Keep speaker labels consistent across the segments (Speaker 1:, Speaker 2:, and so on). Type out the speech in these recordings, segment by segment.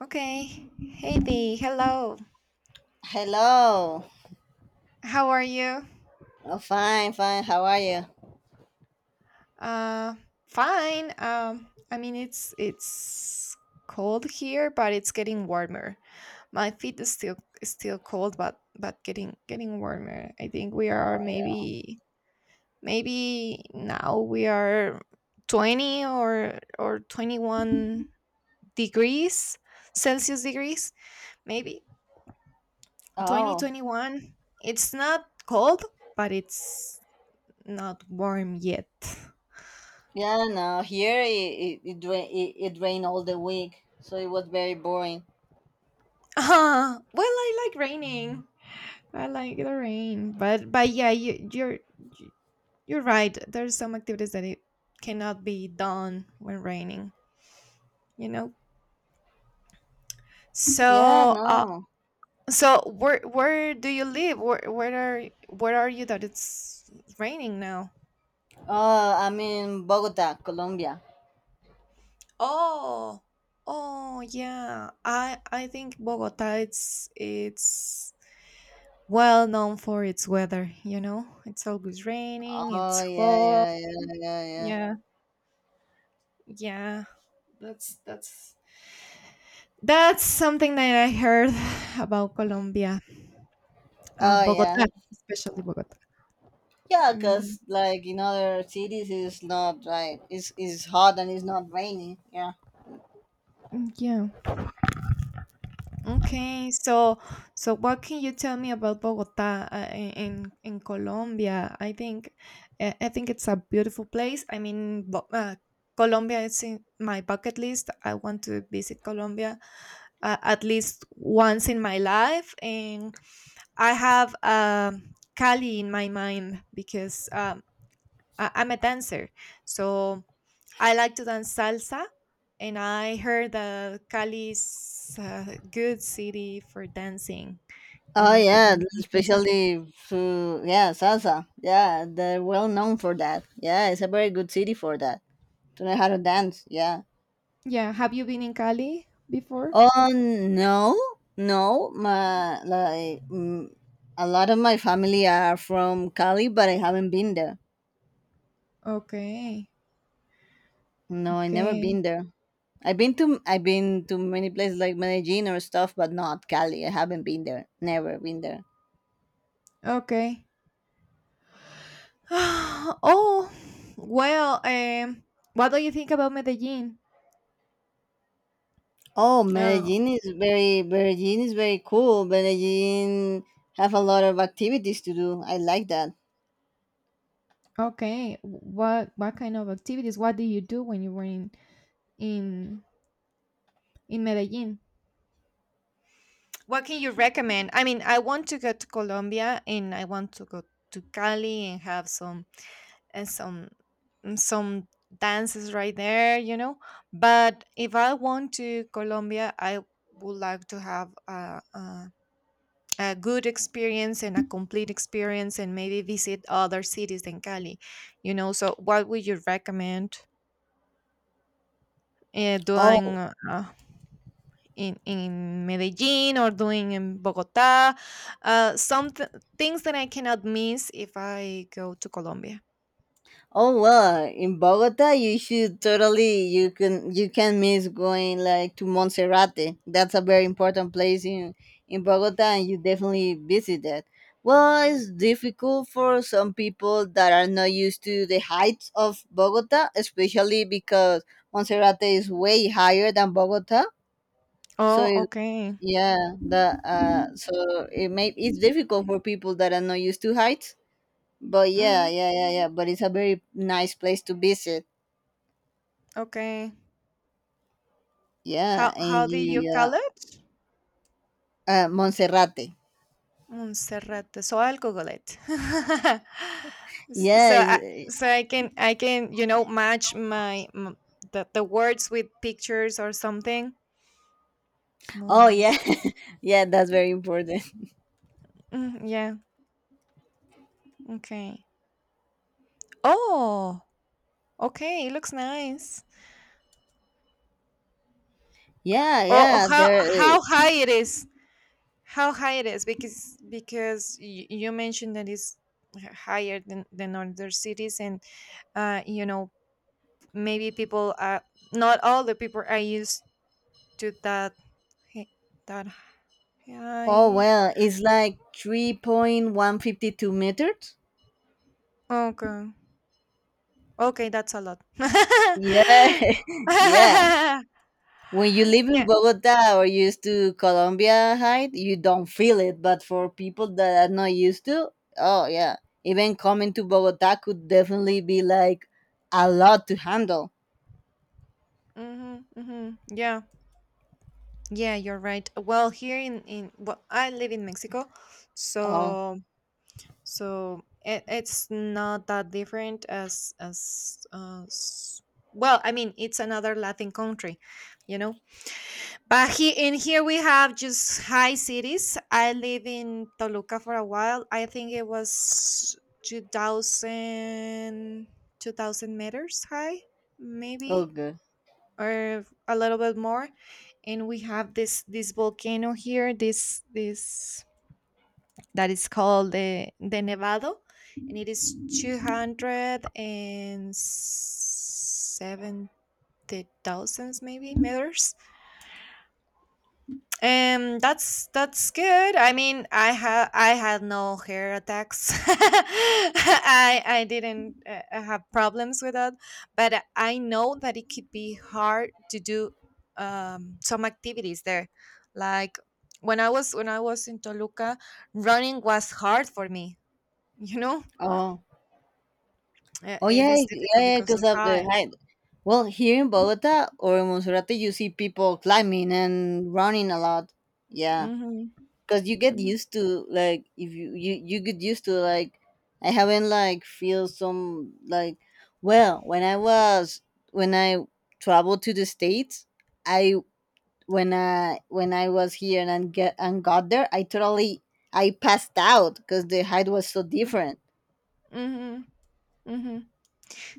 Speaker 1: Okay. Hey Dee, hello.
Speaker 2: Hello.
Speaker 1: How are you?
Speaker 2: Oh, fine, fine. How are you?
Speaker 1: Uh Fine. I mean it's cold here, but it's getting warmer. My feet is still cold but getting warmer. I think we are
Speaker 2: Oh, yeah.
Speaker 1: maybe now we are 20 or 21 degrees Celsius degrees, maybe twenty
Speaker 2: Oh,
Speaker 1: twenty one. It's not cold, but it's not warm yet.
Speaker 2: yeah. No, here it rained all the week, so it was very boring.
Speaker 1: Ah, well, I like raining. I like the rain, but yeah, you- you're right. There's some activities that it cannot be done when raining. You know.
Speaker 2: Yeah,
Speaker 1: So uh,
Speaker 2: no.
Speaker 1: so where do you live? Where are you that it's raining now?
Speaker 2: Oh, I'm in Bogota, Colombia.
Speaker 1: Oh, oh, yeah. I think Bogota. It's well known for its weather, you know? It's always raining,
Speaker 2: Oh,
Speaker 1: it's
Speaker 2: yeah,
Speaker 1: hot.
Speaker 2: yeah, yeah, yeah, yeah.
Speaker 1: Yeah, yeah. That's that's that's something that I heard about Colombia,
Speaker 2: Oh, yeah.
Speaker 1: Bogota, especially Bogota.
Speaker 2: Yeah,
Speaker 1: Mm,
Speaker 2: cause like in other cities, it's not like it's hot and it's not raining. Yeah.
Speaker 1: mm, yeah. Okay, so what can you tell me about Bogota, in Colombia? I think it's a beautiful place. I mean, Colombia is in my bucket list. I want to visit Colombia, at least once in my life, and I have, Cali in my mind because, I'm a dancer, so. I like to dance salsa, and I heard that Cali is a good city for dancing,
Speaker 2: Oh
Speaker 1: for
Speaker 2: yeah,
Speaker 1: dancing salsa.
Speaker 2: especially to, yeah, salsa. Yeah, they're well known for that. Yeah, it's a very good city for that. To know how to dance. Yeah.
Speaker 1: Yeah, have you been in Cali before?
Speaker 2: Oh no, no, a lot of my family are from Cali, but I haven't been there.
Speaker 1: Okay,
Speaker 2: No, I never
Speaker 1: okay,
Speaker 2: been there. I've been to many places like Medellin or stuff, but not Cali. I haven't been there. Never been there.
Speaker 1: okay. Oh, well, what do you think about Medellin?
Speaker 2: Oh,
Speaker 1: Oh,
Speaker 2: Medellin is very cool. Medellin have a lot of activities to do. I like that.
Speaker 1: okay. What kind of activities? What did you do when you were in in Medellin? What can you recommend? I mean, I want to go to Colombia and I want to go to Cali and have some and some some dances right there. But if I want to Colombia, I would like to have a good experience and a complete experience and maybe visit other cities than Cali. So, what would you recommend, doing?
Speaker 2: Oh,
Speaker 1: Uh, in Medellin or doing in Bogota. Some things that I cannot miss if I go to Colombia.
Speaker 2: oh, well, in Bogota you should totally, you can miss going like to Monserrate. That's a very important place in Bogota, and you definitely visit that. Well, it's difficult for some people that are not used to the heights of Bogota, especially because Monserrate is way higher than Bogota. So
Speaker 1: Oh,
Speaker 2: it
Speaker 1: okay.
Speaker 2: Yeah. The uh, so it may it's difficult for people that are not used to heights, but yeah,
Speaker 1: Hmm.
Speaker 2: yeah, yeah, yeah. But it's a very nice place to visit.
Speaker 1: Okay.
Speaker 2: Yeah,
Speaker 1: How
Speaker 2: and
Speaker 1: do
Speaker 2: you,
Speaker 1: you
Speaker 2: yeah,
Speaker 1: call it?
Speaker 2: Monserrate.
Speaker 1: Montserrat de Soil Gogolet. S-
Speaker 2: Yeah.
Speaker 1: so I, so I can, match my the words with pictures or something.
Speaker 2: Oh, yeah,
Speaker 1: Mons.
Speaker 2: yeah. That's very important.
Speaker 1: Mm, yeah. Okay. Oh. Okay. It looks nice.
Speaker 2: Yeah,
Speaker 1: Oh,
Speaker 2: yeah.
Speaker 1: how
Speaker 2: There. uh,
Speaker 1: high it is? How high it is? Because you mentioned that it's higher than other cities, and, uh, you know maybe people are not all the people are used to hi- that
Speaker 2: Oh
Speaker 1: height.
Speaker 2: well, it's like 3,152 meters.
Speaker 1: Okay, okay, that's a lot.
Speaker 2: Yeah, yeah. When you live
Speaker 1: Yeah.
Speaker 2: in Bogota or used to Colombia height, you don't feel it. But for people that are not used to, oh yeah, even coming to Bogota could definitely be like a lot to handle.
Speaker 1: Mm-hmm, mm-hmm. Yeah. Yeah, you're right. Well, here in well, I live in Mexico,
Speaker 2: Oh,
Speaker 1: so So it's not that different as, well. I mean, it's another Latin country, you know. But he in here we have just high cities. I live in Toluca for a while. I think it was 2000 meters high,
Speaker 2: oh
Speaker 1: maybe,
Speaker 2: good.
Speaker 1: or a little bit more. And we have this volcano here. This, that is called the Nevado, and it is 270,000 maybe meters. That's good. I mean, I had no hair attacks. I didn't, have problems with that, but I know that it could be hard to do, some activities there, like when I was in Toluca, running was hard for me you know
Speaker 2: Oh,
Speaker 1: Yeah,
Speaker 2: oh
Speaker 1: it
Speaker 2: yeah,
Speaker 1: is difficult
Speaker 2: yeah, yeah,
Speaker 1: because
Speaker 2: because
Speaker 1: of
Speaker 2: of the
Speaker 1: high.
Speaker 2: height. Well, here in Bogota or in Monserrate, you see people climbing and running a lot. Yeah,
Speaker 1: Mm-hmm.
Speaker 2: because you get
Speaker 1: Mm-hmm.
Speaker 2: used to, like, if you get used to like. I haven't like feel some like Well, when I was, when I traveled to the states, I, when I was here, and I get and got there, I totally, I passed out because the height was so different.
Speaker 1: Mm-hmm. Mm-hmm.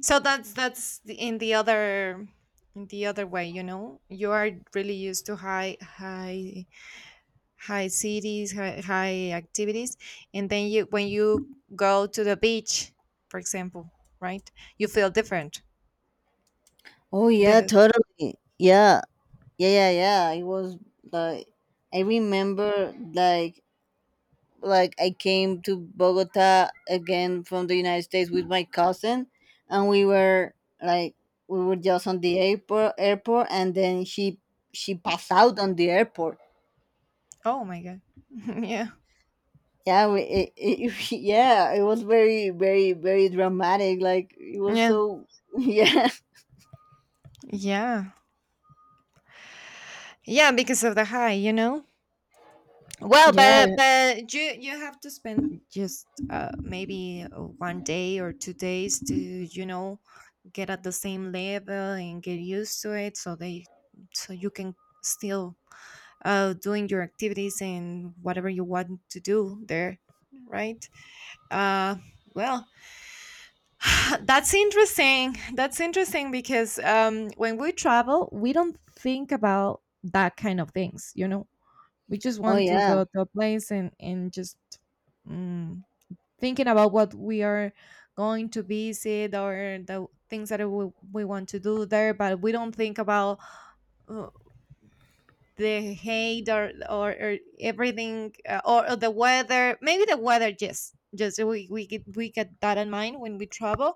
Speaker 1: So, in the other way, you know. You are really used to high cities, high activities, and then you when you go to the beach, for example, right? You feel different.
Speaker 2: Oh
Speaker 1: That
Speaker 2: yeah,
Speaker 1: is.
Speaker 2: totally, yeah. Yeah, yeah, yeah, it was like, I remember, I came to Bogota again from the United States with my cousin, and like we were just on the airport, and then she passed out on the airport.
Speaker 1: Oh my god. Yeah.
Speaker 2: Yeah, yeah, it was very, very, very dramatic. Like it was
Speaker 1: Yeah.
Speaker 2: so yeah.
Speaker 1: Yeah. Yeah, because of the high. Well,
Speaker 2: Yeah.
Speaker 1: but you have to spend just, maybe one day or 2 days to, get at the same level and get used to it, so they so you can still, doing your activities and whatever you want to do there, right? Uh, well, that's interesting. That's interesting because, when we travel, we don't think about that kind of things. We just
Speaker 2: Oh
Speaker 1: want to
Speaker 2: yeah.
Speaker 1: go to a place and just, mm, thinking about what we are going to visit or the things that we want to do there, but we don't think about, uh, the hate, or everything, or the weather, just we get that in mind when we travel,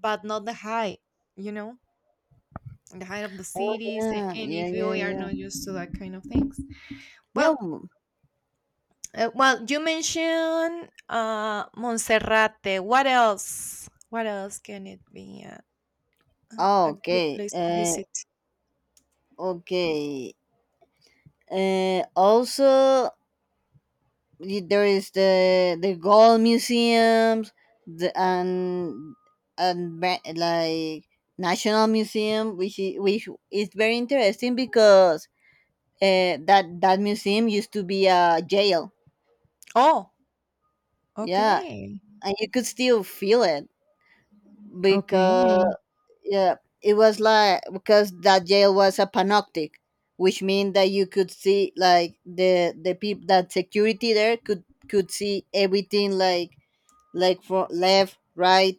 Speaker 1: but not the high, you know the height of the
Speaker 2: Oh
Speaker 1: cities,
Speaker 2: yeah,
Speaker 1: and
Speaker 2: yeah,
Speaker 1: if you
Speaker 2: yeah,
Speaker 1: are
Speaker 2: yeah,
Speaker 1: not used to that kind of things,
Speaker 2: yeah.
Speaker 1: well.
Speaker 2: Mm.
Speaker 1: Well, you mentioned, Monserrate. What else? What else can it be
Speaker 2: Oh,
Speaker 1: a good
Speaker 2: okay.
Speaker 1: place to visit?
Speaker 2: Okay. Also, there is the gold museums, the and and ba- like national museum, which is, very interesting because, that museum used to be a jail.
Speaker 1: Oh,
Speaker 2: Yeah,
Speaker 1: okay.
Speaker 2: and you could still feel it because,
Speaker 1: Okay.
Speaker 2: yeah, it was like because that jail was a panoptic, which means that you could see, like, the people that security there could, see everything, like, for left, right,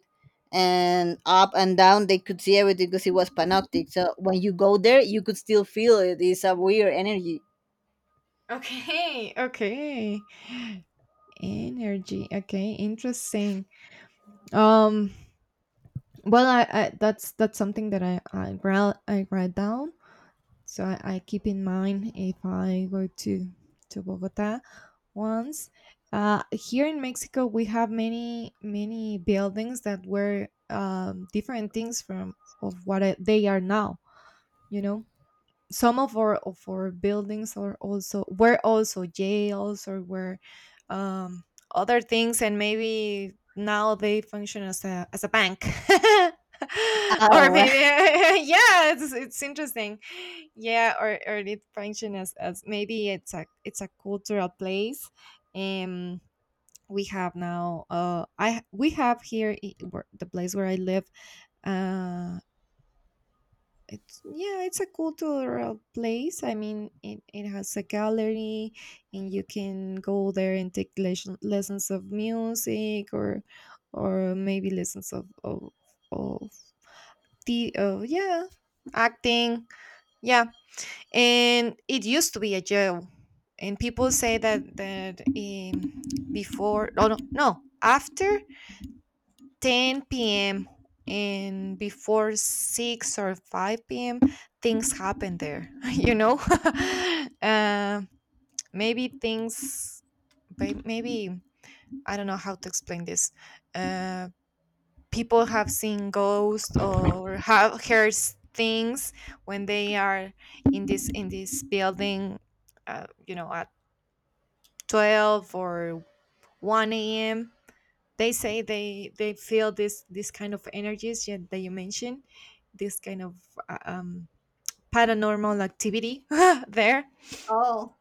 Speaker 2: and up and down. They could see everything because it was panoptic. So when you go there, you could still feel it. It's a weird energy.
Speaker 1: Okay. Okay. Energy. Okay, interesting. Um well, I that's something that I write down. So I keep in mind if I go to Bogota once. Here in Mexico, we have many buildings that were, different things from of what they are now. You know, some of our buildings are also, were also jails, or were, um, other things, and maybe now they function as a, bank. Or
Speaker 2: Oh,
Speaker 1: maybe, yeah, it's interesting. Yeah, or it function as, maybe it's a, cultural place. um we have now, I we have here, the place where I live. uh it's, yeah, it's a cultural place. I mean, it has a gallery, and you can go there and take lessons of music, or maybe lessons of, of, yeah, acting, yeah. And it used to be a jail, and people say that, before, no no no after 10 p.m. and before 6 or 5 p.m., things happen there, you know? uh, Maybe things, maybe, I don't know how to explain this. Uh, People have seen ghosts or have heard things when they are in this building, you know, at 12 or 1 a.m they say they feel this kind of energies, yet that you mentioned, this kind of, uh, um paranormal activity there.
Speaker 2: oh,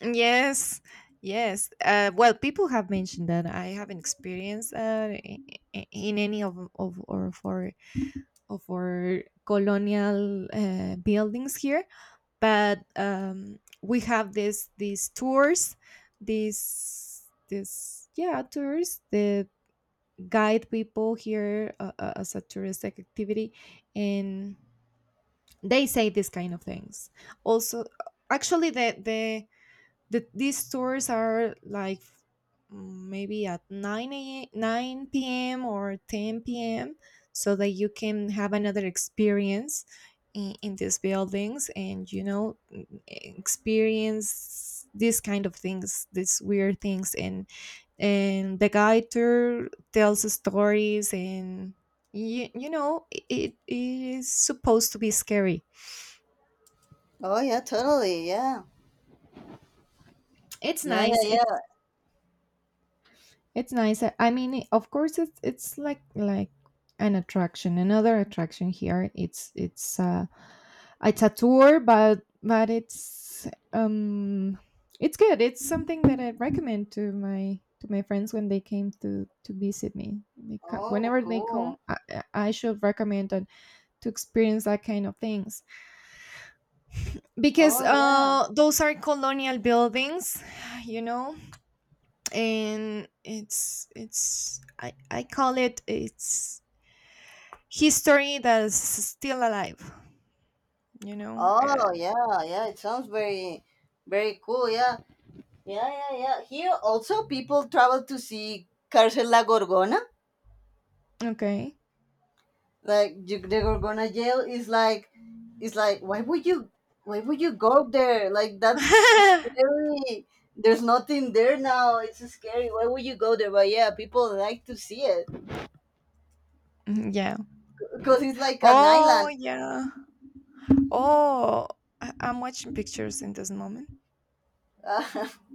Speaker 1: Yes, yes, well, people have mentioned that. I haven't experienced that, in any of or for of our colonial, buildings here. But, we have this these tours, these this yeah, tours, the guide people here, as a touristic activity, and they say these kind of things also. Actually, these stores are like, maybe at 9 a 9 p.m or 10 p.m so that you can have another experience in these buildings, and, experience these kind of things, these weird things, and the guide tour tells stories, and you know it is supposed to be scary.
Speaker 2: oh, yeah, totally, yeah,
Speaker 1: it's
Speaker 2: yeah,
Speaker 1: nice
Speaker 2: yeah, yeah.
Speaker 1: it's It's nice. I mean, of course, it's like an attraction, another attraction here. It's a tour, but um it's good. It's something that I recommend to my friends when they came to visit me. They come
Speaker 2: Oh,
Speaker 1: whenever they come.
Speaker 2: cool.
Speaker 1: I should recommend that to experience that kind of things, because,
Speaker 2: Oh, yeah.
Speaker 1: those are colonial buildings, you know. And it's I call it, it's history that's still alive. you know uh,
Speaker 2: Oh, yeah, yeah. It sounds very, very cool. Yeah, yeah, yeah, yeah. Here also, people travel to see Cárcel La Gorgona.
Speaker 1: okay.
Speaker 2: Like, you, the Gorgona jail is like, why would you, go there? Like, that's scary. There's nothing there now. It's scary. Why would you go there? But yeah, people like to see it
Speaker 1: Yeah.
Speaker 2: because it's like an
Speaker 1: Oh,
Speaker 2: island.
Speaker 1: yeah. Oh. I'm watching pictures in this moment,
Speaker 2: Uh,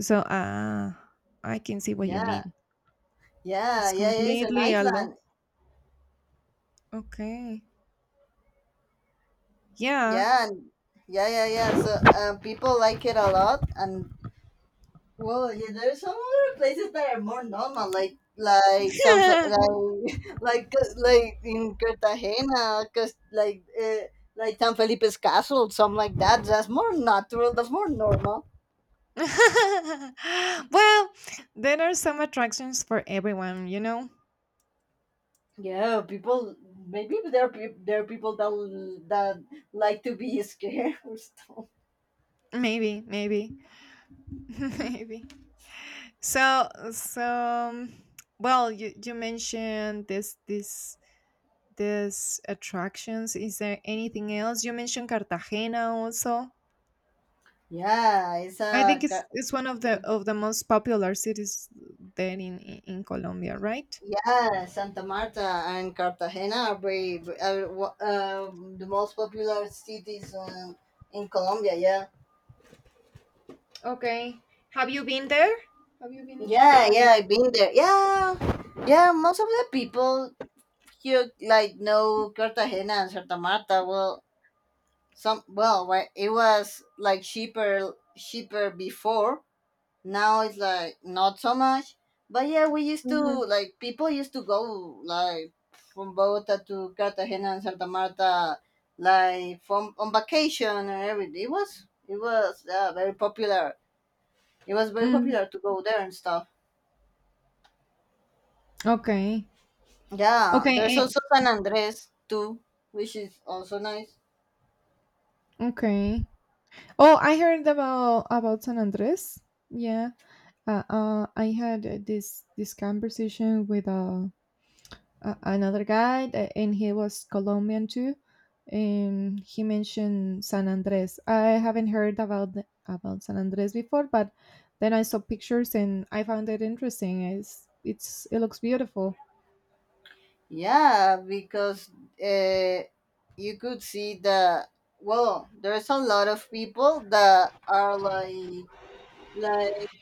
Speaker 1: so, I can see what you
Speaker 2: yeah,
Speaker 1: mean.
Speaker 2: yeah,
Speaker 1: It's
Speaker 2: yeah, yeah. It's an
Speaker 1: completely alone.
Speaker 2: island.
Speaker 1: Okay. Yeah.
Speaker 2: Yeah, and- yeah, yeah, yeah. So, people like it a lot, and well, yeah, there's some other places that are more normal, like, some like, like in Cartagena, cause like, like San Felipe's castle, something like that. That's more natural. That's more normal.
Speaker 1: Well, there are some attractions for everyone,
Speaker 2: Yeah, people. Maybe there are peop there are people that that like to be scared or stuff.
Speaker 1: maybe. Maybe. So so um, well, you mentioned this attractions. Is there anything else? You mentioned Cartagena also.
Speaker 2: Yeah, it's
Speaker 1: I think
Speaker 2: a
Speaker 1: it's it's one of the most popular cities there, in Colombia, right?
Speaker 2: Yeah, Santa Marta and Cartagena are very, the most popular cities, in Colombia. Yeah.
Speaker 1: Okay. Have you been there? Have you been in
Speaker 2: Yeah,
Speaker 1: Cartagena?
Speaker 2: yeah, I've been there. Yeah, yeah. Most of the people here like know Cartagena and Santa Marta. Well, some, well, right, it was like cheaper, cheaper before. Now it's like not so much. But yeah, we used to,
Speaker 1: Hmm.
Speaker 2: like, people used to go, like, from Bogota to Cartagena and Santa Marta, like, from on vacation and everything. It was very popular. It was very
Speaker 1: Mm,
Speaker 2: popular to go there and stuff.
Speaker 1: okay.
Speaker 2: Yeah,
Speaker 1: Okay.
Speaker 2: there's
Speaker 1: Eh.
Speaker 2: also San Andres too, which is also nice.
Speaker 1: Okay. Oh, I heard about San Andres. Yeah. I had, this conversation with, another guy, and he was Colombian too, and he mentioned San Andres. I haven't heard about about San Andres before, but then I saw pictures and I found it interesting. It looks beautiful.
Speaker 2: Yeah, because, uh, you could see the, well, there's a lot of people that are like, like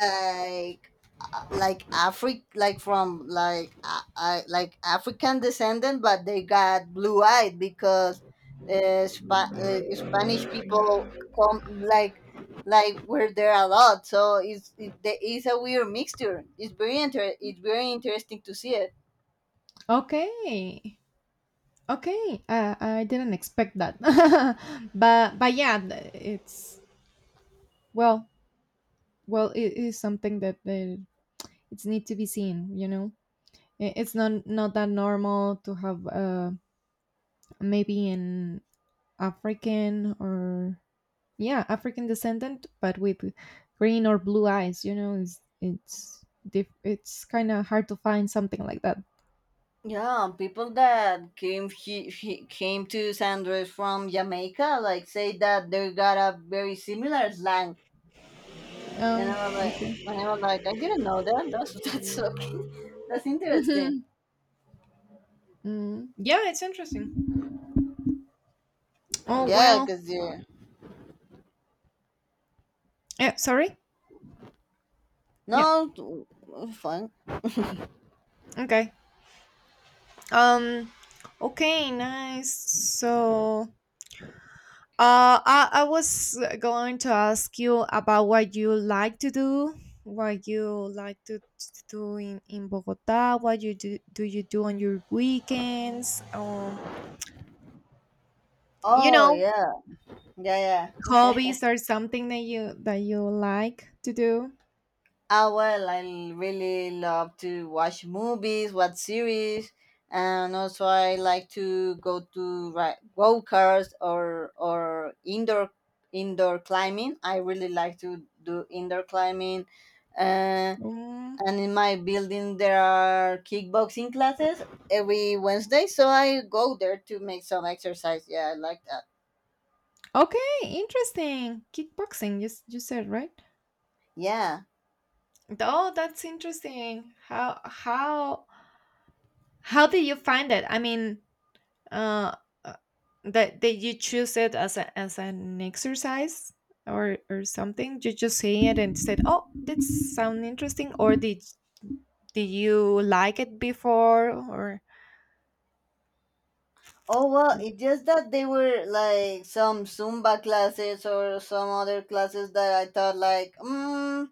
Speaker 2: like like Afri like from like, like African descendant, but they got blue eyed because, Spanish people come, like, were there a lot, so it's it, it's a weird mixture. It's very it's very interesting to see it.
Speaker 1: Okay, okay. I didn't expect that, but, yeah, it's, well well, it is something that it's need to be seen. It's not that normal to have, maybe an African or, yeah, African descendant, but with green or blue eyes. You know, it's kind of hard to find something like that.
Speaker 2: Yeah, people that came, he came to San Andres from Jamaica, like, say that they got a very similar slang. And
Speaker 1: Um,
Speaker 2: I was like,
Speaker 1: okay.
Speaker 2: and I was like, I didn't know that. That's that's okay. That's interesting.
Speaker 1: Mhm. Yeah, it's interesting. Oh
Speaker 2: Yeah,
Speaker 1: well.
Speaker 2: cause you
Speaker 1: Yeah, sorry.
Speaker 2: no
Speaker 1: Yeah.
Speaker 2: fun.
Speaker 1: Okay. Um. Okay. Nice. So I was going to ask you about what you like to do, what you like to do in Bogota, what do you do on your weekends, you
Speaker 2: Oh
Speaker 1: know,
Speaker 2: yeah, yeah, yeah.
Speaker 1: hobbies or something that you like to do.
Speaker 2: Ah well, I really love to watch movies, watch series, and also I like to go to go cars or indoor climbing. I really like to do indoor climbing,
Speaker 1: Mm,
Speaker 2: and in my building there are kickboxing classes every Wednesday, so I go there to make some exercise. Yeah, I like that.
Speaker 1: okay, interesting. Kickboxing, you said, right?
Speaker 2: Yeah.
Speaker 1: Oh, that's interesting. How did you find it? I mean, Uh, uh, that that you choose it as as an exercise or something? You just say it and said, "Oh, that sound interesting," or did you like it before? Or
Speaker 2: Oh well, it's just that they were like some Zumba classes or some other classes that I thought like, mm,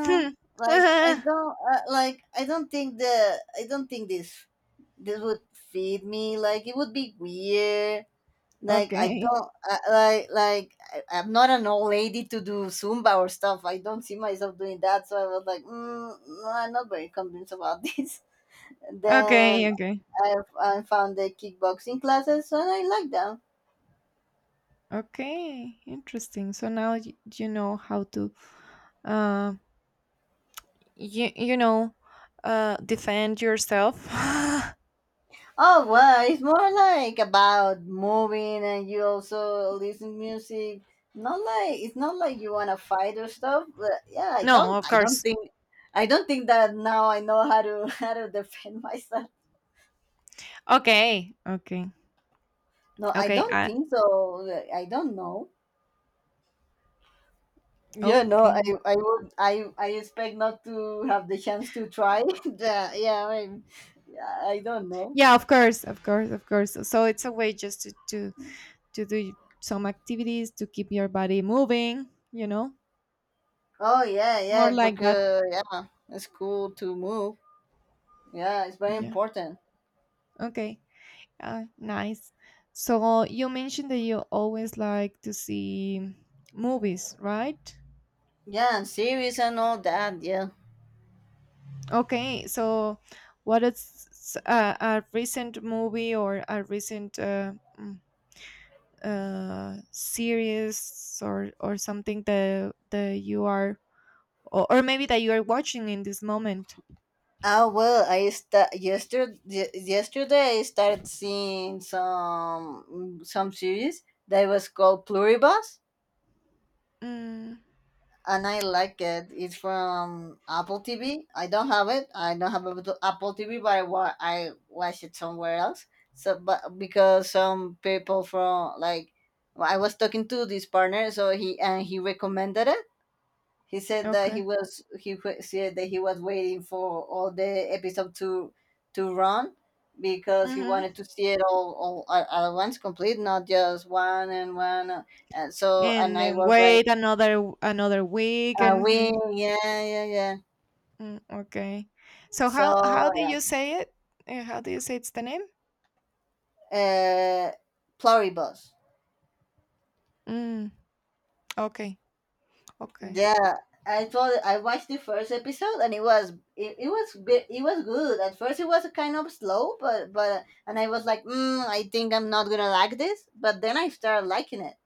Speaker 1: hmm.
Speaker 2: like I
Speaker 1: ah,
Speaker 2: don't, like I don't think the I don't think this would feed me. Like it would be weird. Like I
Speaker 1: okay,
Speaker 2: don't, I, like I, I'm not an old lady to do Zumba or stuff. I don't see myself doing that. So I was like, mm, no, I'm not very convinced about this.
Speaker 1: okay,
Speaker 2: Then
Speaker 1: okay,
Speaker 2: I, I found the kickboxing classes and I like them.
Speaker 1: okay, interesting. So now you know how to uh you know defend yourself.
Speaker 2: Oh well, it's more like about moving and you also listen music. Not like it's not like you wanna fight or stuff. But yeah, I
Speaker 1: No,
Speaker 2: don't
Speaker 1: of
Speaker 2: I don't
Speaker 1: course.
Speaker 2: think that now I know how to how to defend myself.
Speaker 1: Okay, okay,
Speaker 2: No, I
Speaker 1: okay.
Speaker 2: don't
Speaker 1: I
Speaker 2: think so. I don't know. Yeah, no,
Speaker 1: okay.
Speaker 2: I would, I expect not to have the chance to try. yeah, yeah, I, mean, yeah, I don't know.
Speaker 1: Yeah, of course, of course, of course, so it's a way just to do some activities to keep your body moving, you know,
Speaker 2: Oh yeah,
Speaker 1: more
Speaker 2: yeah,
Speaker 1: like that.
Speaker 2: because, yeah, it's cool to move. Yeah, it's very
Speaker 1: Yeah,
Speaker 2: important.
Speaker 1: okay, nice. So you mentioned that you always like to see movies, right?
Speaker 2: Yeah, and series and all that. Yeah.
Speaker 1: Okay, so what a recent movie or a recent mm, series or something that that you are or maybe that you are watching in this moment.
Speaker 2: Oh well, I sta yesterday. Yesterday, I started seeing some series that was called Pluribus,
Speaker 1: Mm,
Speaker 2: and I like it. It's from Apple TV. I don't have it. I don't have Apple TV, but I, I watch it somewhere else. So, but because some people from like, well, I was talking to this partner, so he, and he recommended it. He said that he
Speaker 1: okay.
Speaker 2: was, said that he was waiting for all the episode to, run, because he
Speaker 1: Hmm.
Speaker 2: wanted to see it all, at once complete, not just one and one. And so, and
Speaker 1: And
Speaker 2: I
Speaker 1: then
Speaker 2: was like,
Speaker 1: wait another week and mhm.
Speaker 2: away, yeah, yeah, yeah.
Speaker 1: Okay. So
Speaker 2: So,
Speaker 1: how how do you say it? How do you say it's the name?
Speaker 2: yeah. Pluribus.
Speaker 1: Mm, okay. Okay.
Speaker 2: Yeah, I told, I watched the first episode and it was, it was good. At first, it was kind of slow, but and I was like, mm, I think I'm not gonna like this. But then I started liking it.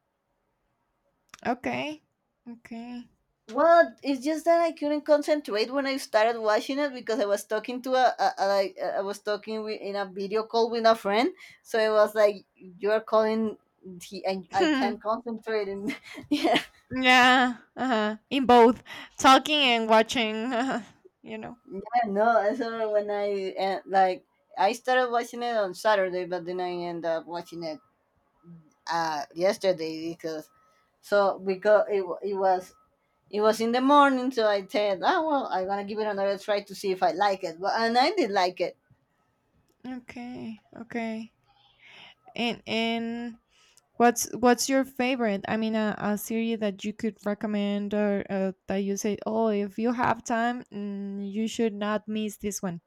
Speaker 1: Okay. Okay.
Speaker 2: Well, it's just that I couldn't concentrate when I started watching it because I was talking to a, like I was talking with, in a video call with a friend, so it was like you are calling. He, I can't concentrate, and yeah,
Speaker 1: Yeah. Uh-huh. In both talking and watching, you know.
Speaker 2: yeah. No, so when I, like, I started watching it on Saturday but then I end up watching it, yesterday, because, so because it, it was, in the morning, so I said, oh well, I'm gonna give it another try to see if I like it, but and I did like it.
Speaker 1: Okay. Okay. And what's your favorite? I mean, a series that you could recommend, or that you say, "Oh, if you have time, you should not miss this one."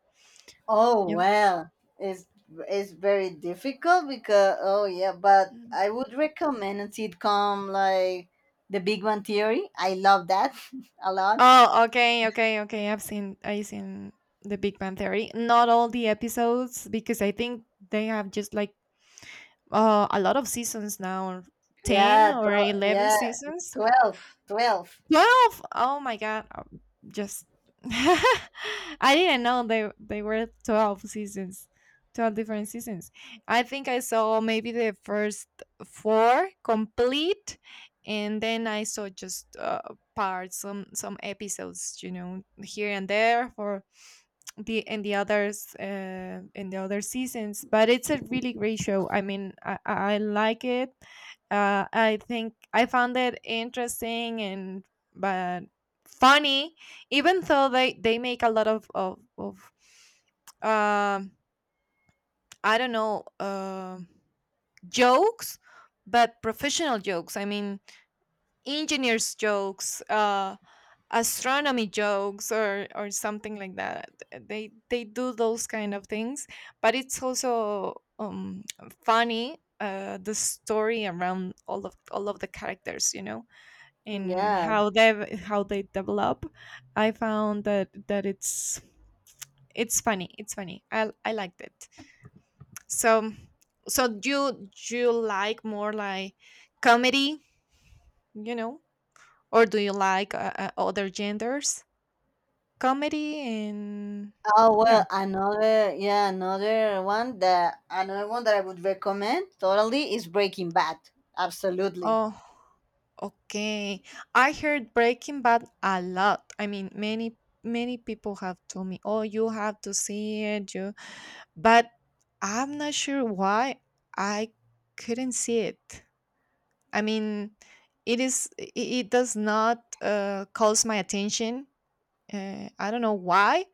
Speaker 2: Oh
Speaker 1: Yep.
Speaker 2: well, it's it's very difficult because, oh yeah, but
Speaker 1: Mm.
Speaker 2: I would recommend a sitcom like The Big Bang Theory. I love that a lot.
Speaker 1: Oh, okay, okay, okay. I've seen The Big Bang Theory. Not all the episodes because I think they have just like a lot of seasons now, ten
Speaker 2: Yeah,
Speaker 1: or
Speaker 2: 12.
Speaker 1: eleven
Speaker 2: Yeah,
Speaker 1: seasons.
Speaker 2: 12. 12.
Speaker 1: 12! Oh my god. Just I didn't know they were 12 seasons. 12 different seasons. I think I saw maybe the first 4 complete, and then I saw just parts, some episodes, you know, here and there for the in the others in the other seasons. But it's a really great show. I mean, I like it. I think I found it interesting and, but funny, even though they make a lot of um I don't know, jokes, but professional jokes. I mean, engineers jokes, astronomy jokes or something like that. They do those kind of things. But it's also um funny, the story around all of the characters, you know, and
Speaker 2: Yeah.
Speaker 1: how they develop. I found that it's funny. It's funny. I liked it. So so you like more like comedy, you know, or do you like other genders. Comedy. And
Speaker 2: Oh
Speaker 1: yeah.
Speaker 2: well, another one that I would recommend totally is Breaking Bad. Absolutely.
Speaker 1: Oh, okay. I heard Breaking Bad a lot. I mean, many people have told me, "Oh, you have to see it." But I'm not sure why I couldn't see it. I mean, it does not calls my attention. I don't know why,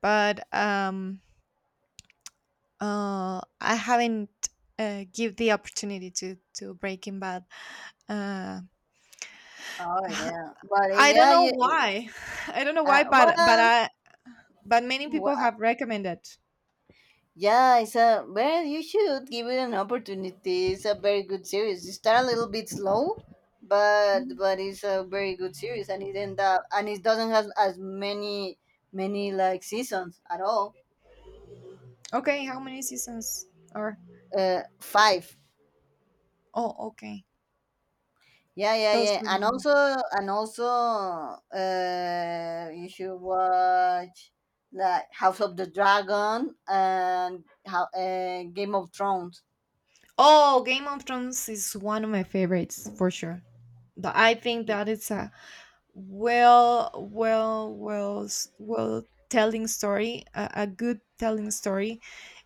Speaker 1: but I haven't give the opportunity to Breaking Bad. Uh,
Speaker 2: Oh yeah, but
Speaker 1: I don't
Speaker 2: yeah,
Speaker 1: know
Speaker 2: you
Speaker 1: why. I don't know why, but
Speaker 2: uh,
Speaker 1: I but many people
Speaker 2: well,
Speaker 1: have recommended.
Speaker 2: yeah, it's a, well, you should give it an opportunity. It's a very good series. It start a little bit slow, but
Speaker 1: Mhm.
Speaker 2: it's a very good series, and it end up and it doesn't have as many like seasons at all.
Speaker 1: Okay, how many seasons are?
Speaker 2: Five.
Speaker 1: Oh, okay.
Speaker 2: Yeah, yeah,
Speaker 1: Those.
Speaker 2: yeah, and also you should watch like House of the Dragon and how Game of Thrones.
Speaker 1: Oh, Game of Thrones is one of my favorites for sure. But I think that it's a, well, well telling story, a good telling story.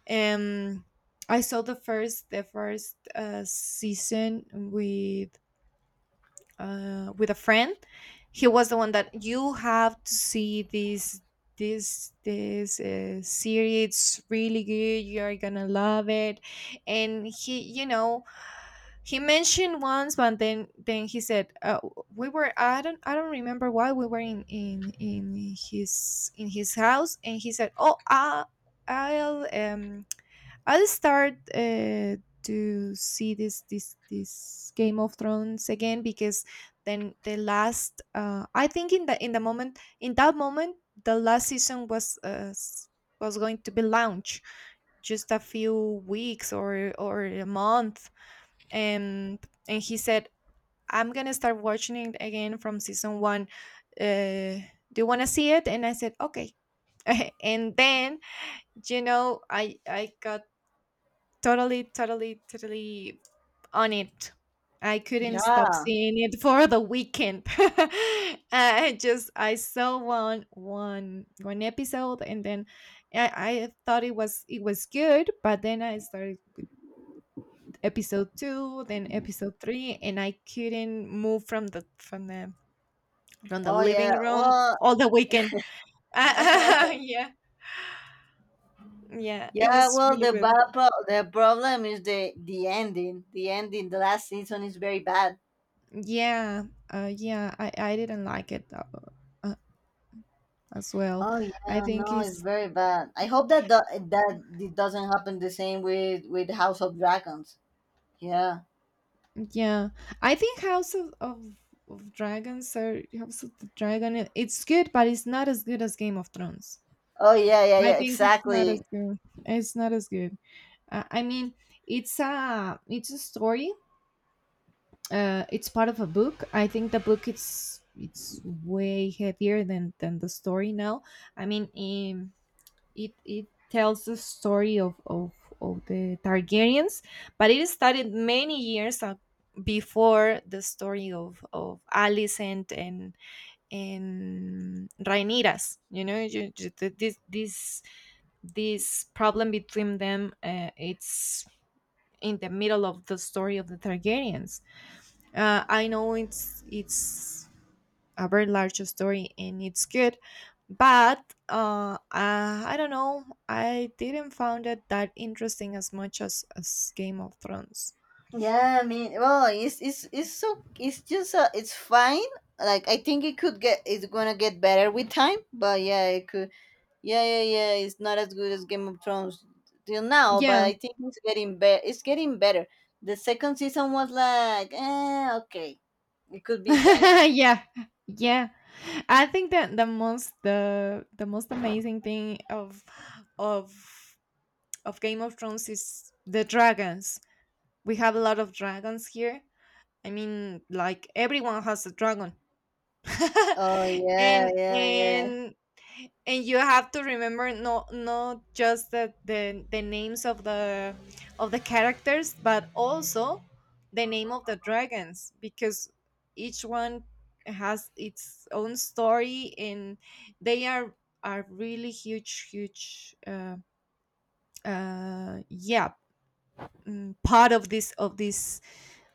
Speaker 1: Um, I saw the first season with with a friend. He was the one that you have to see this series. It's really good. You are gonna love it. And he, you know, he mentioned once, but then he said, we were. I don't remember why we were in his house, and he said, "Oh, I'll um." I'll start to see this Game of Thrones again," because the last, I think in the moment, in that moment, the last season was was going to be launched just a few weeks or a month. and and he said, "I'm gonna start watching it again from season one. Uh, do you want to see it?" And I said, okay. And then, you know, I got totally, totally, totally on it. I couldn't stop
Speaker 2: Yeah.
Speaker 1: seeing it for the weekend. I saw one episode, and then I, I thought it was good, but then I started episode two, then episode three, and I couldn't move from the from the from the
Speaker 2: Oh yeah.
Speaker 1: living room
Speaker 2: Well,
Speaker 1: all the weekend. Yeah, yeah, it
Speaker 2: yeah,
Speaker 1: was
Speaker 2: well,
Speaker 1: really
Speaker 2: the
Speaker 1: good.
Speaker 2: the problem is the ending. The ending, the last season is very bad.
Speaker 1: Yeah, yeah, I didn't like it, though. As well.
Speaker 2: Oh yeah,
Speaker 1: I think
Speaker 2: no, it's
Speaker 1: is,
Speaker 2: very bad. I hope that that it doesn't happen the same with House of Dragons. Yeah.
Speaker 1: yeah. I think House of Dragons, or House of the Dragon. It's good, but it's not as good as Game of Thrones.
Speaker 2: Oh yeah, yeah,
Speaker 1: I
Speaker 2: yeah.
Speaker 1: think it's not as
Speaker 2: Exactly.
Speaker 1: good. It's not as good. I mean, it's a story. It's part of a book. I think the book it's way heavier than the story now. I mean, in, it tells the story of the Targaryens, but it started many before the story of Alicent and Rhaenyra's. You know, this problem between them, it's in the middle of the story of the Targaryens. I know it's a very large story and it's good. But I don't know, I didn't found it that interesting as much as Game of Thrones.
Speaker 2: Yeah, I mean, well, it's so it's just it's fine. Like I think it's gonna get better with time, but yeah, it could. Yeah, yeah, yeah. It's not as good as Game of Thrones till now,
Speaker 1: Yeah.
Speaker 2: but I think it's getting better. It's getting better. The second season was like, okay, it could be better.
Speaker 1: Yeah, yeah, I think that the most, the most amazing thing of of Game of Thrones is the dragons. We have a lot of dragons here. I mean, like everyone has a dragon.
Speaker 2: Oh yeah,
Speaker 1: And
Speaker 2: yeah, yeah,
Speaker 1: and you have to remember not, not just the names of the characters, but also the name of the dragons, because each one has its own story. And they are really huge, yeah, part of this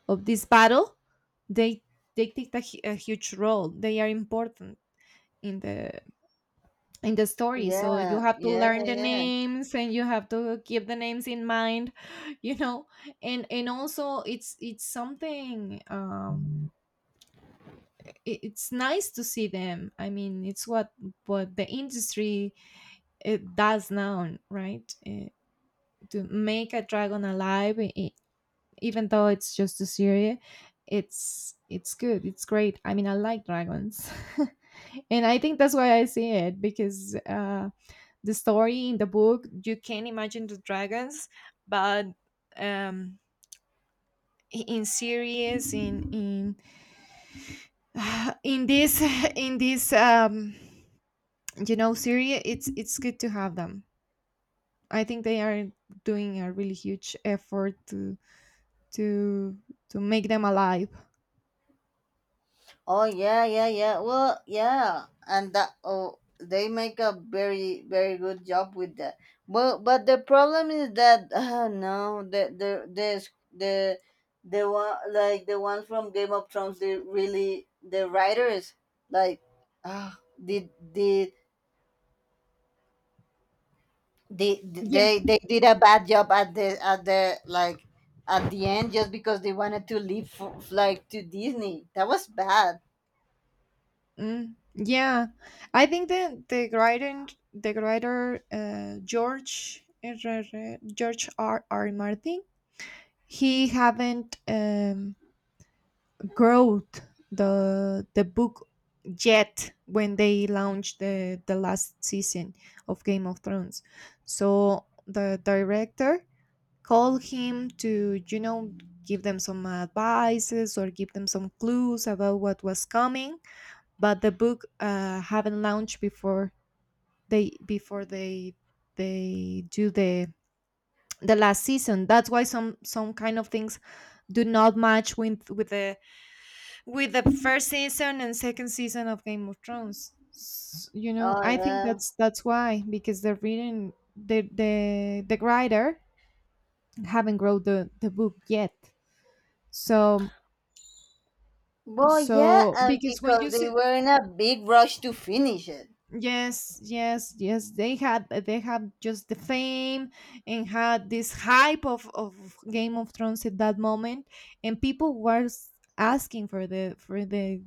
Speaker 1: of this battle. they they take a huge role. They are important in the in the story. So you
Speaker 2: yeah,
Speaker 1: have to
Speaker 2: yeah,
Speaker 1: learn the
Speaker 2: yeah, yeah.
Speaker 1: names and you have to keep the names in mind. You know. And also it's something, it, it's nice to see them. I mean, it's what the industry, it does now, right? To make a dragon alive. Even though it's just a series, it's good, it's great. I mean, I like dragons. And I think that's why I see it, because the story in the book, you can imagine the dragons, but um in series, in in this in this, you know, series, it's good to have them. I think they are doing a really huge effort to to make them alive.
Speaker 2: Oh yeah, yeah, yeah. Well, yeah, and that, oh, they make a very, very good job with that. Well, but the problem is that no, the the the one like the one from Game of Thrones, they really, the writers, like, did they
Speaker 1: Yeah.
Speaker 2: they they did a bad job at the like at the end just because they wanted to leave for, like, to Disney. That was bad.
Speaker 1: Yeah, I think the writer, the writer, George R. R., George R R Martin, he haven't growth the book yet when they launched the last season of Game of Thrones. So the director called him to, you know, give them some advices or give them some clues about what was coming. But the book, haven't launched before they before they they do the last season. That's why some kind of things do not match with the first season and second season of Game of Thrones. You know,
Speaker 2: Oh
Speaker 1: I think
Speaker 2: yeah.
Speaker 1: that's why, because the reading the writer haven't wrote the book yet. So
Speaker 2: Well, yeah,
Speaker 1: so
Speaker 2: and
Speaker 1: because when
Speaker 2: because
Speaker 1: you
Speaker 2: they
Speaker 1: see,
Speaker 2: were in a big rush to finish it.
Speaker 1: yes, yes, yes, they have just the fame and had this hype of Game of Thrones at that moment, and people were asking for the for the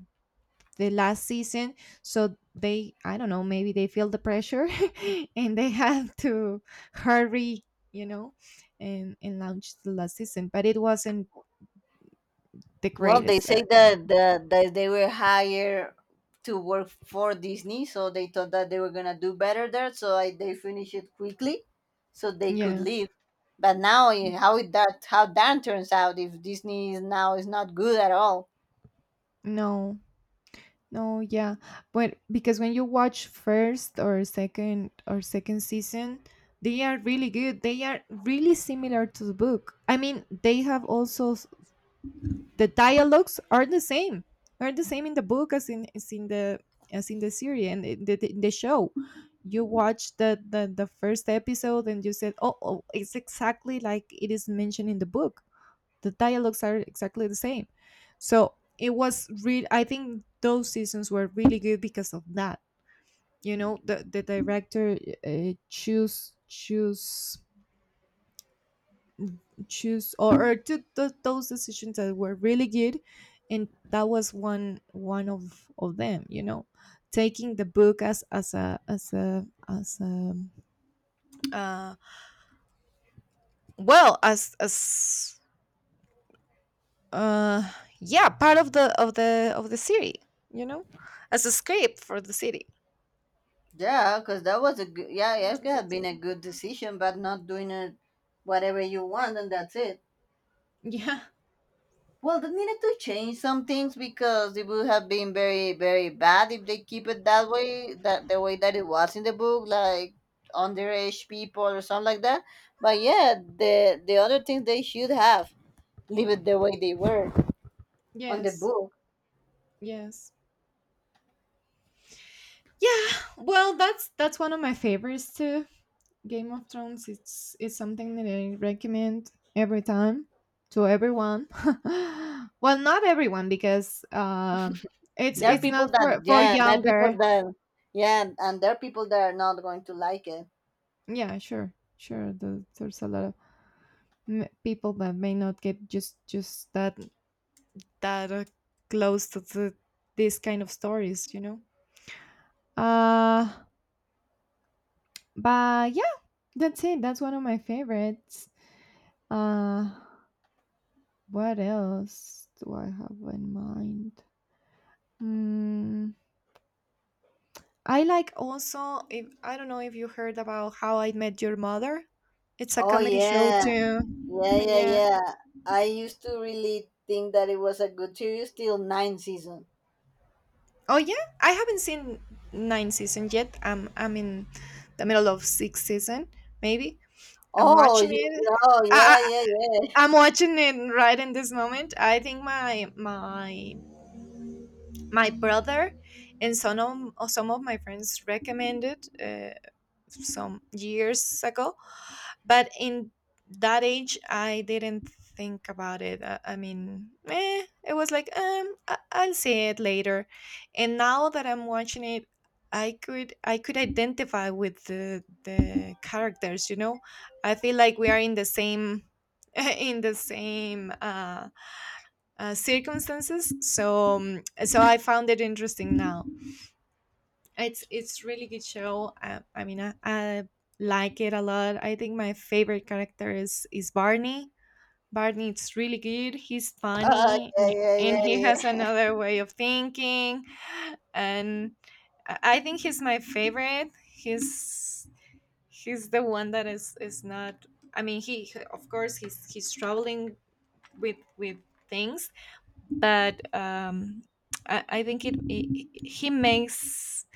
Speaker 1: the last season. So, they I don't know, maybe they feel the pressure, and they have to hurry. you know and launch the last season, but it wasn't the
Speaker 2: Well, they
Speaker 1: greatest,
Speaker 2: say that that they were hired to work for Disney, so they thought that they were gonna do better there. So I, they finished it quickly, so they could
Speaker 1: yeah,
Speaker 2: leave. But now, how that turns out if Disney is now is not good at all?
Speaker 1: no, no, yeah. But because when you watch first or second season, they are really good. They are really similar to the book. I mean, they have also, the dialogues are the same, in the book, as in the series, and in the show. You watch the first episode and you said, oh, it's exactly like it is mentioned in the book. The dialogues are exactly the same, so, it was really I think those seasons were really good because of that. The director choose choose choose or took th- those decisions that were really good, and that was one of them. Taking the book as a, uh, well, as uh yeah, part of the city. you know as a script for the city.
Speaker 2: Yeah, because that was a good, yeah, yeah, it
Speaker 1: Mm, I
Speaker 2: could have
Speaker 1: think
Speaker 2: been a
Speaker 1: so.
Speaker 2: good decision, but not doing it whatever you want, and that's it.
Speaker 1: Yeah,
Speaker 2: Well, they needed to change some things because it would have been very, very bad if they keep it that way, that the way that it was in the book, like underage people or something like that. But yeah, the other things they should have leave it the way they were on the
Speaker 1: yes,
Speaker 2: book.
Speaker 1: yes. Yeah, well, that's one of my favorites too. Game of Thrones. It's something that I recommend every time to everyone. Well, not everyone because it's
Speaker 2: There are
Speaker 1: it's
Speaker 2: people
Speaker 1: not
Speaker 2: that,
Speaker 1: for
Speaker 2: yeah, there are people
Speaker 1: younger.
Speaker 2: that, yeah, and there are people that are not going to like it.
Speaker 1: Yeah, sure, sure. There's a lot of people that may not get just that close to this kind of stories. Uh, but yeah, that's it. That's one of my favorites. Uh, What else do I have in mind? Hmm. I like also. If I don't know if you heard about How I Met Your Mother. It's a
Speaker 2: Oh
Speaker 1: comedy show
Speaker 2: yeah.
Speaker 1: too.
Speaker 2: Yeah, yeah,
Speaker 1: Yeah.
Speaker 2: yeah. I used to really think that it was a good series till nine seasons.
Speaker 1: Oh yeah. I haven't seen nine season yet. I'm in the middle of sixth season, maybe. I'm
Speaker 2: Oh,
Speaker 1: watching
Speaker 2: you.
Speaker 1: it.
Speaker 2: Oh
Speaker 1: I,
Speaker 2: yeah,
Speaker 1: I
Speaker 2: yeah, yeah.
Speaker 1: I'm watching it right in this moment. I think my brother and some of my friends recommended. Some years ago, but in that age I didn't think about it. I mean, it was like, I'll see it later. And now that I'm watching it, I could identify with the characters. I feel like we are in the same in the same circumstances, so I found it interesting now. It's really good show. I mean, I like it a lot. I think my favorite character is Barney. Barney is really good. He's funny,
Speaker 2: Yeah, yeah,
Speaker 1: and
Speaker 2: yeah,
Speaker 1: he has
Speaker 2: yeah,
Speaker 1: another way of thinking. And I think he's my favorite. He's the one that is not. I mean, of course he's struggling with things, but I think it, it he makes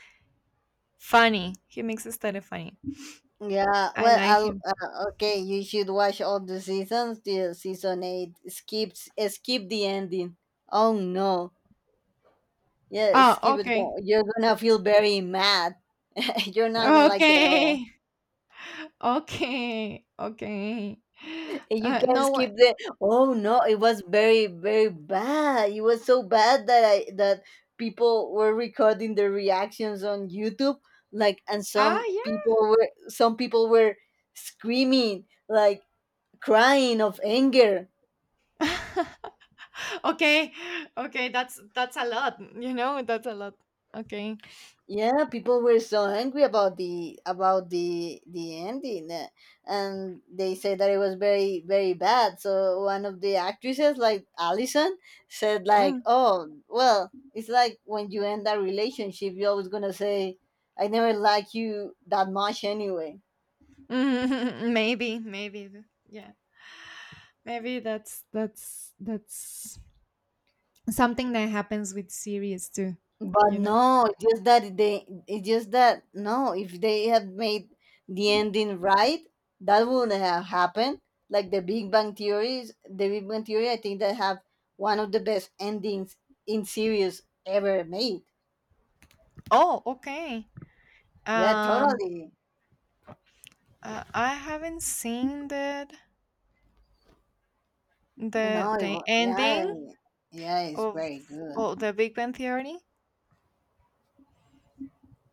Speaker 1: Funny. He makes the story funny.
Speaker 2: yeah.
Speaker 1: I
Speaker 2: Well,
Speaker 1: like
Speaker 2: I'll,
Speaker 1: him.
Speaker 2: okay, you should watch all the seasons till season eight. Skip the ending. Oh no, yeah,
Speaker 1: Oh,
Speaker 2: skip it.
Speaker 1: okay.
Speaker 2: You're gonna feel very mad. You're not gonna like it at all.
Speaker 1: Okay. Okay. Okay.
Speaker 2: You can
Speaker 1: No one.
Speaker 2: skip the oh no, it was very, very bad. It was so bad that people were recording their reactions on YouTube. Like, and
Speaker 1: Ah,
Speaker 2: some people were screaming, like crying of anger.
Speaker 1: yeah. Okay. Okay, that's a lot, you know? That's a lot. Okay.
Speaker 2: Yeah, people were so angry about the the ending, and they said that it was very, very bad. So one of the actresses, like Allison, said,
Speaker 1: Mm.
Speaker 2: like, "Oh well, it's like when you end that relationship, you're always gonna say I never liked you that much anyway."
Speaker 1: Maybe, maybe. Yeah. Maybe that's something that happens with series too,
Speaker 2: But
Speaker 1: you know?
Speaker 2: no, it's just that, no, if they had made the ending right, that wouldn't have happened. Like the Big Bang Theories, the Big Bang Theory, I think they have one of the best endings in series ever made.
Speaker 1: Oh, okay.
Speaker 2: Yeah,
Speaker 1: Um
Speaker 2: totally.
Speaker 1: I haven't seen that. The
Speaker 2: No,
Speaker 1: the
Speaker 2: yeah,
Speaker 1: ending
Speaker 2: yeah, it's
Speaker 1: of,
Speaker 2: very good.
Speaker 1: of the Big Bang Theory.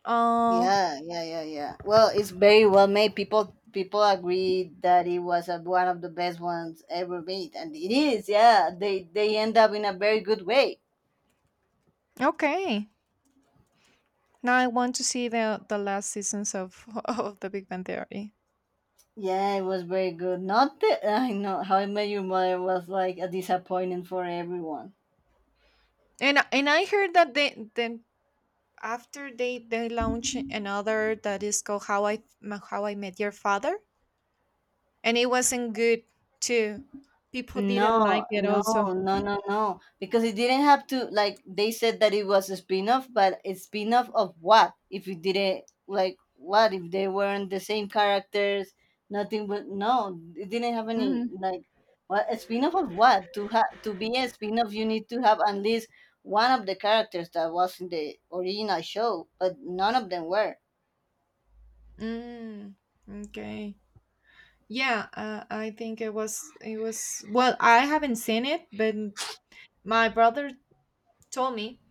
Speaker 1: Uh,
Speaker 2: Yeah, yeah, yeah, yeah. Well, it's very well made. People agree that it was one of the best ones ever made, and it is. Yeah, they end up in a very good way.
Speaker 1: okay. Now I want to see the last seasons of of the Big Bang Theory.
Speaker 2: Yeah, it was very good. Not that. I know How I Met Your Mother was like a disappointment for everyone.
Speaker 1: And I heard that, they then after they launch another that is called How I Met Your Father, and it wasn't good too. People didn't like
Speaker 2: No,
Speaker 1: it
Speaker 2: no,
Speaker 1: also.
Speaker 2: no, no, no. Because it didn't have to, like they said that it was a spin-off, but a spin-off of what? If it didn't like what if they weren't the same characters, nothing, but no, it didn't have any
Speaker 1: Hmm.
Speaker 2: like what a spin-off of what? To have to be a spin-off you need to have at least one of the characters that was in the original show, but none of them were.
Speaker 1: Mm, okay. Yeah, I think it was well, I haven't seen it, but my brother told me,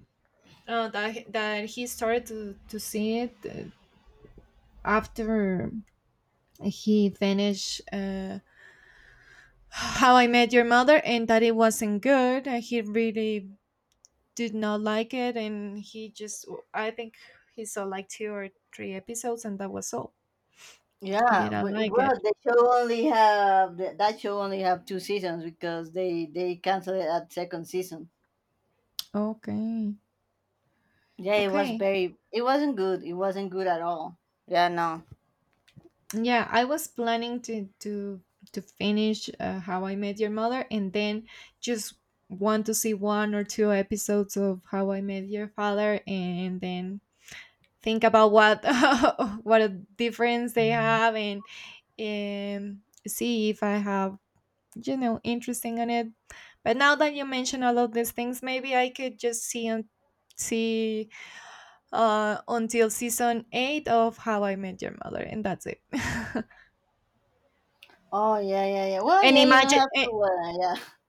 Speaker 1: that he started to see it, after he finished, How I Met Your Mother, and that it wasn't good. And he really did not like it, and he just, I think, he saw like two or three episodes, and that was all. He
Speaker 2: Yeah,
Speaker 1: didn't
Speaker 2: but
Speaker 1: like it.
Speaker 2: well, the show only have th- that show only have two seasons because they canceled it at second season.
Speaker 1: Okay,
Speaker 2: Yeah, it was
Speaker 1: okay.
Speaker 2: very. It wasn't good. It wasn't good at all. Yeah, no.
Speaker 1: Yeah, I was planning to finish, How I Met Your Mother, and then just want to see one or two episodes of How I Met Your Father, and then think about what what a difference they have, and see if I have, interesting on it. But now that you mention all of these things, maybe I could just see and see, until season eight of How I Met Your Mother, and that's it.
Speaker 2: Oh yeah, yeah, yeah. Well,
Speaker 1: and
Speaker 2: yeah, you don't
Speaker 1: imagine
Speaker 2: have to. Yeah.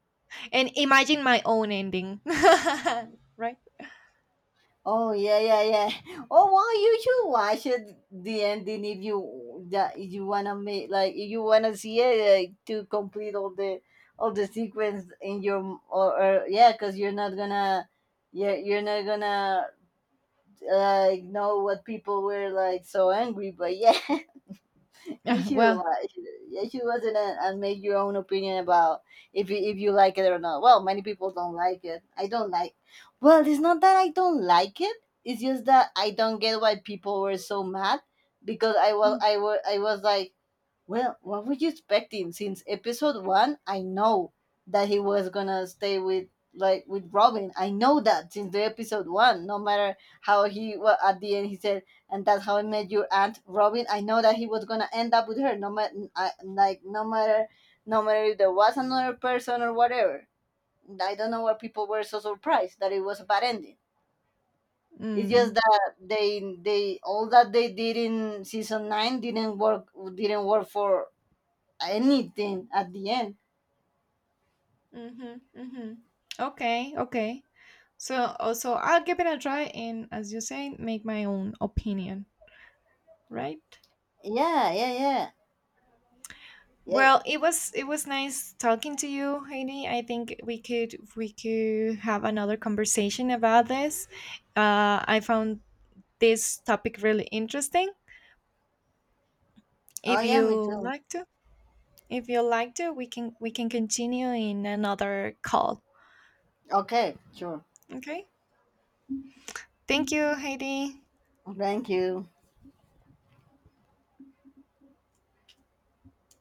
Speaker 1: and imagine my own ending. Right.
Speaker 2: Oh yeah, yeah, yeah. Oh well, you should watch it, the ending, if you that if you wanna make, like, if you wanna see it, like, to complete all the sequence in your, or, yeah, cause you're not gonna, yeah, you're not gonna like know what people were, like, so angry, but yeah. you
Speaker 1: Yeah,
Speaker 2: should
Speaker 1: well,
Speaker 2: watch you should watch it, and make your own opinion about if if you like it or not. Well, many people don't like it. I don't like, well, it's not that I don't like it, it's just that I don't get why people were so mad, because I was like, well, what were you expecting? Since episode one, I know that he was gonna stay with like with Robin. I know that since the episode one, no matter how he well, at the end he said, and that's how I met your aunt Robin. I know that he was gonna end up with her. No matter, like, no matter if there was another person or whatever. I don't know why people were so surprised that it was a bad ending. It's just
Speaker 1: mm.
Speaker 2: that they all that they did in season nine didn't work for anything at the end.
Speaker 1: Mm-hmm, mm-hmm. Okay, okay. So also, I'll give it a try, and as you say, make my own opinion. Right.
Speaker 2: Yeah, yeah, yeah, yeah.
Speaker 1: Well, it was nice talking to you, Heidi. I think we could have another conversation about this. I found this topic really interesting,
Speaker 2: Oh
Speaker 1: if
Speaker 2: yeah, me
Speaker 1: you
Speaker 2: too.
Speaker 1: like to. If you like to, we can continue in another call.
Speaker 2: Okay, sure.
Speaker 1: Okay. Thank you, Heidi.
Speaker 2: Thank you.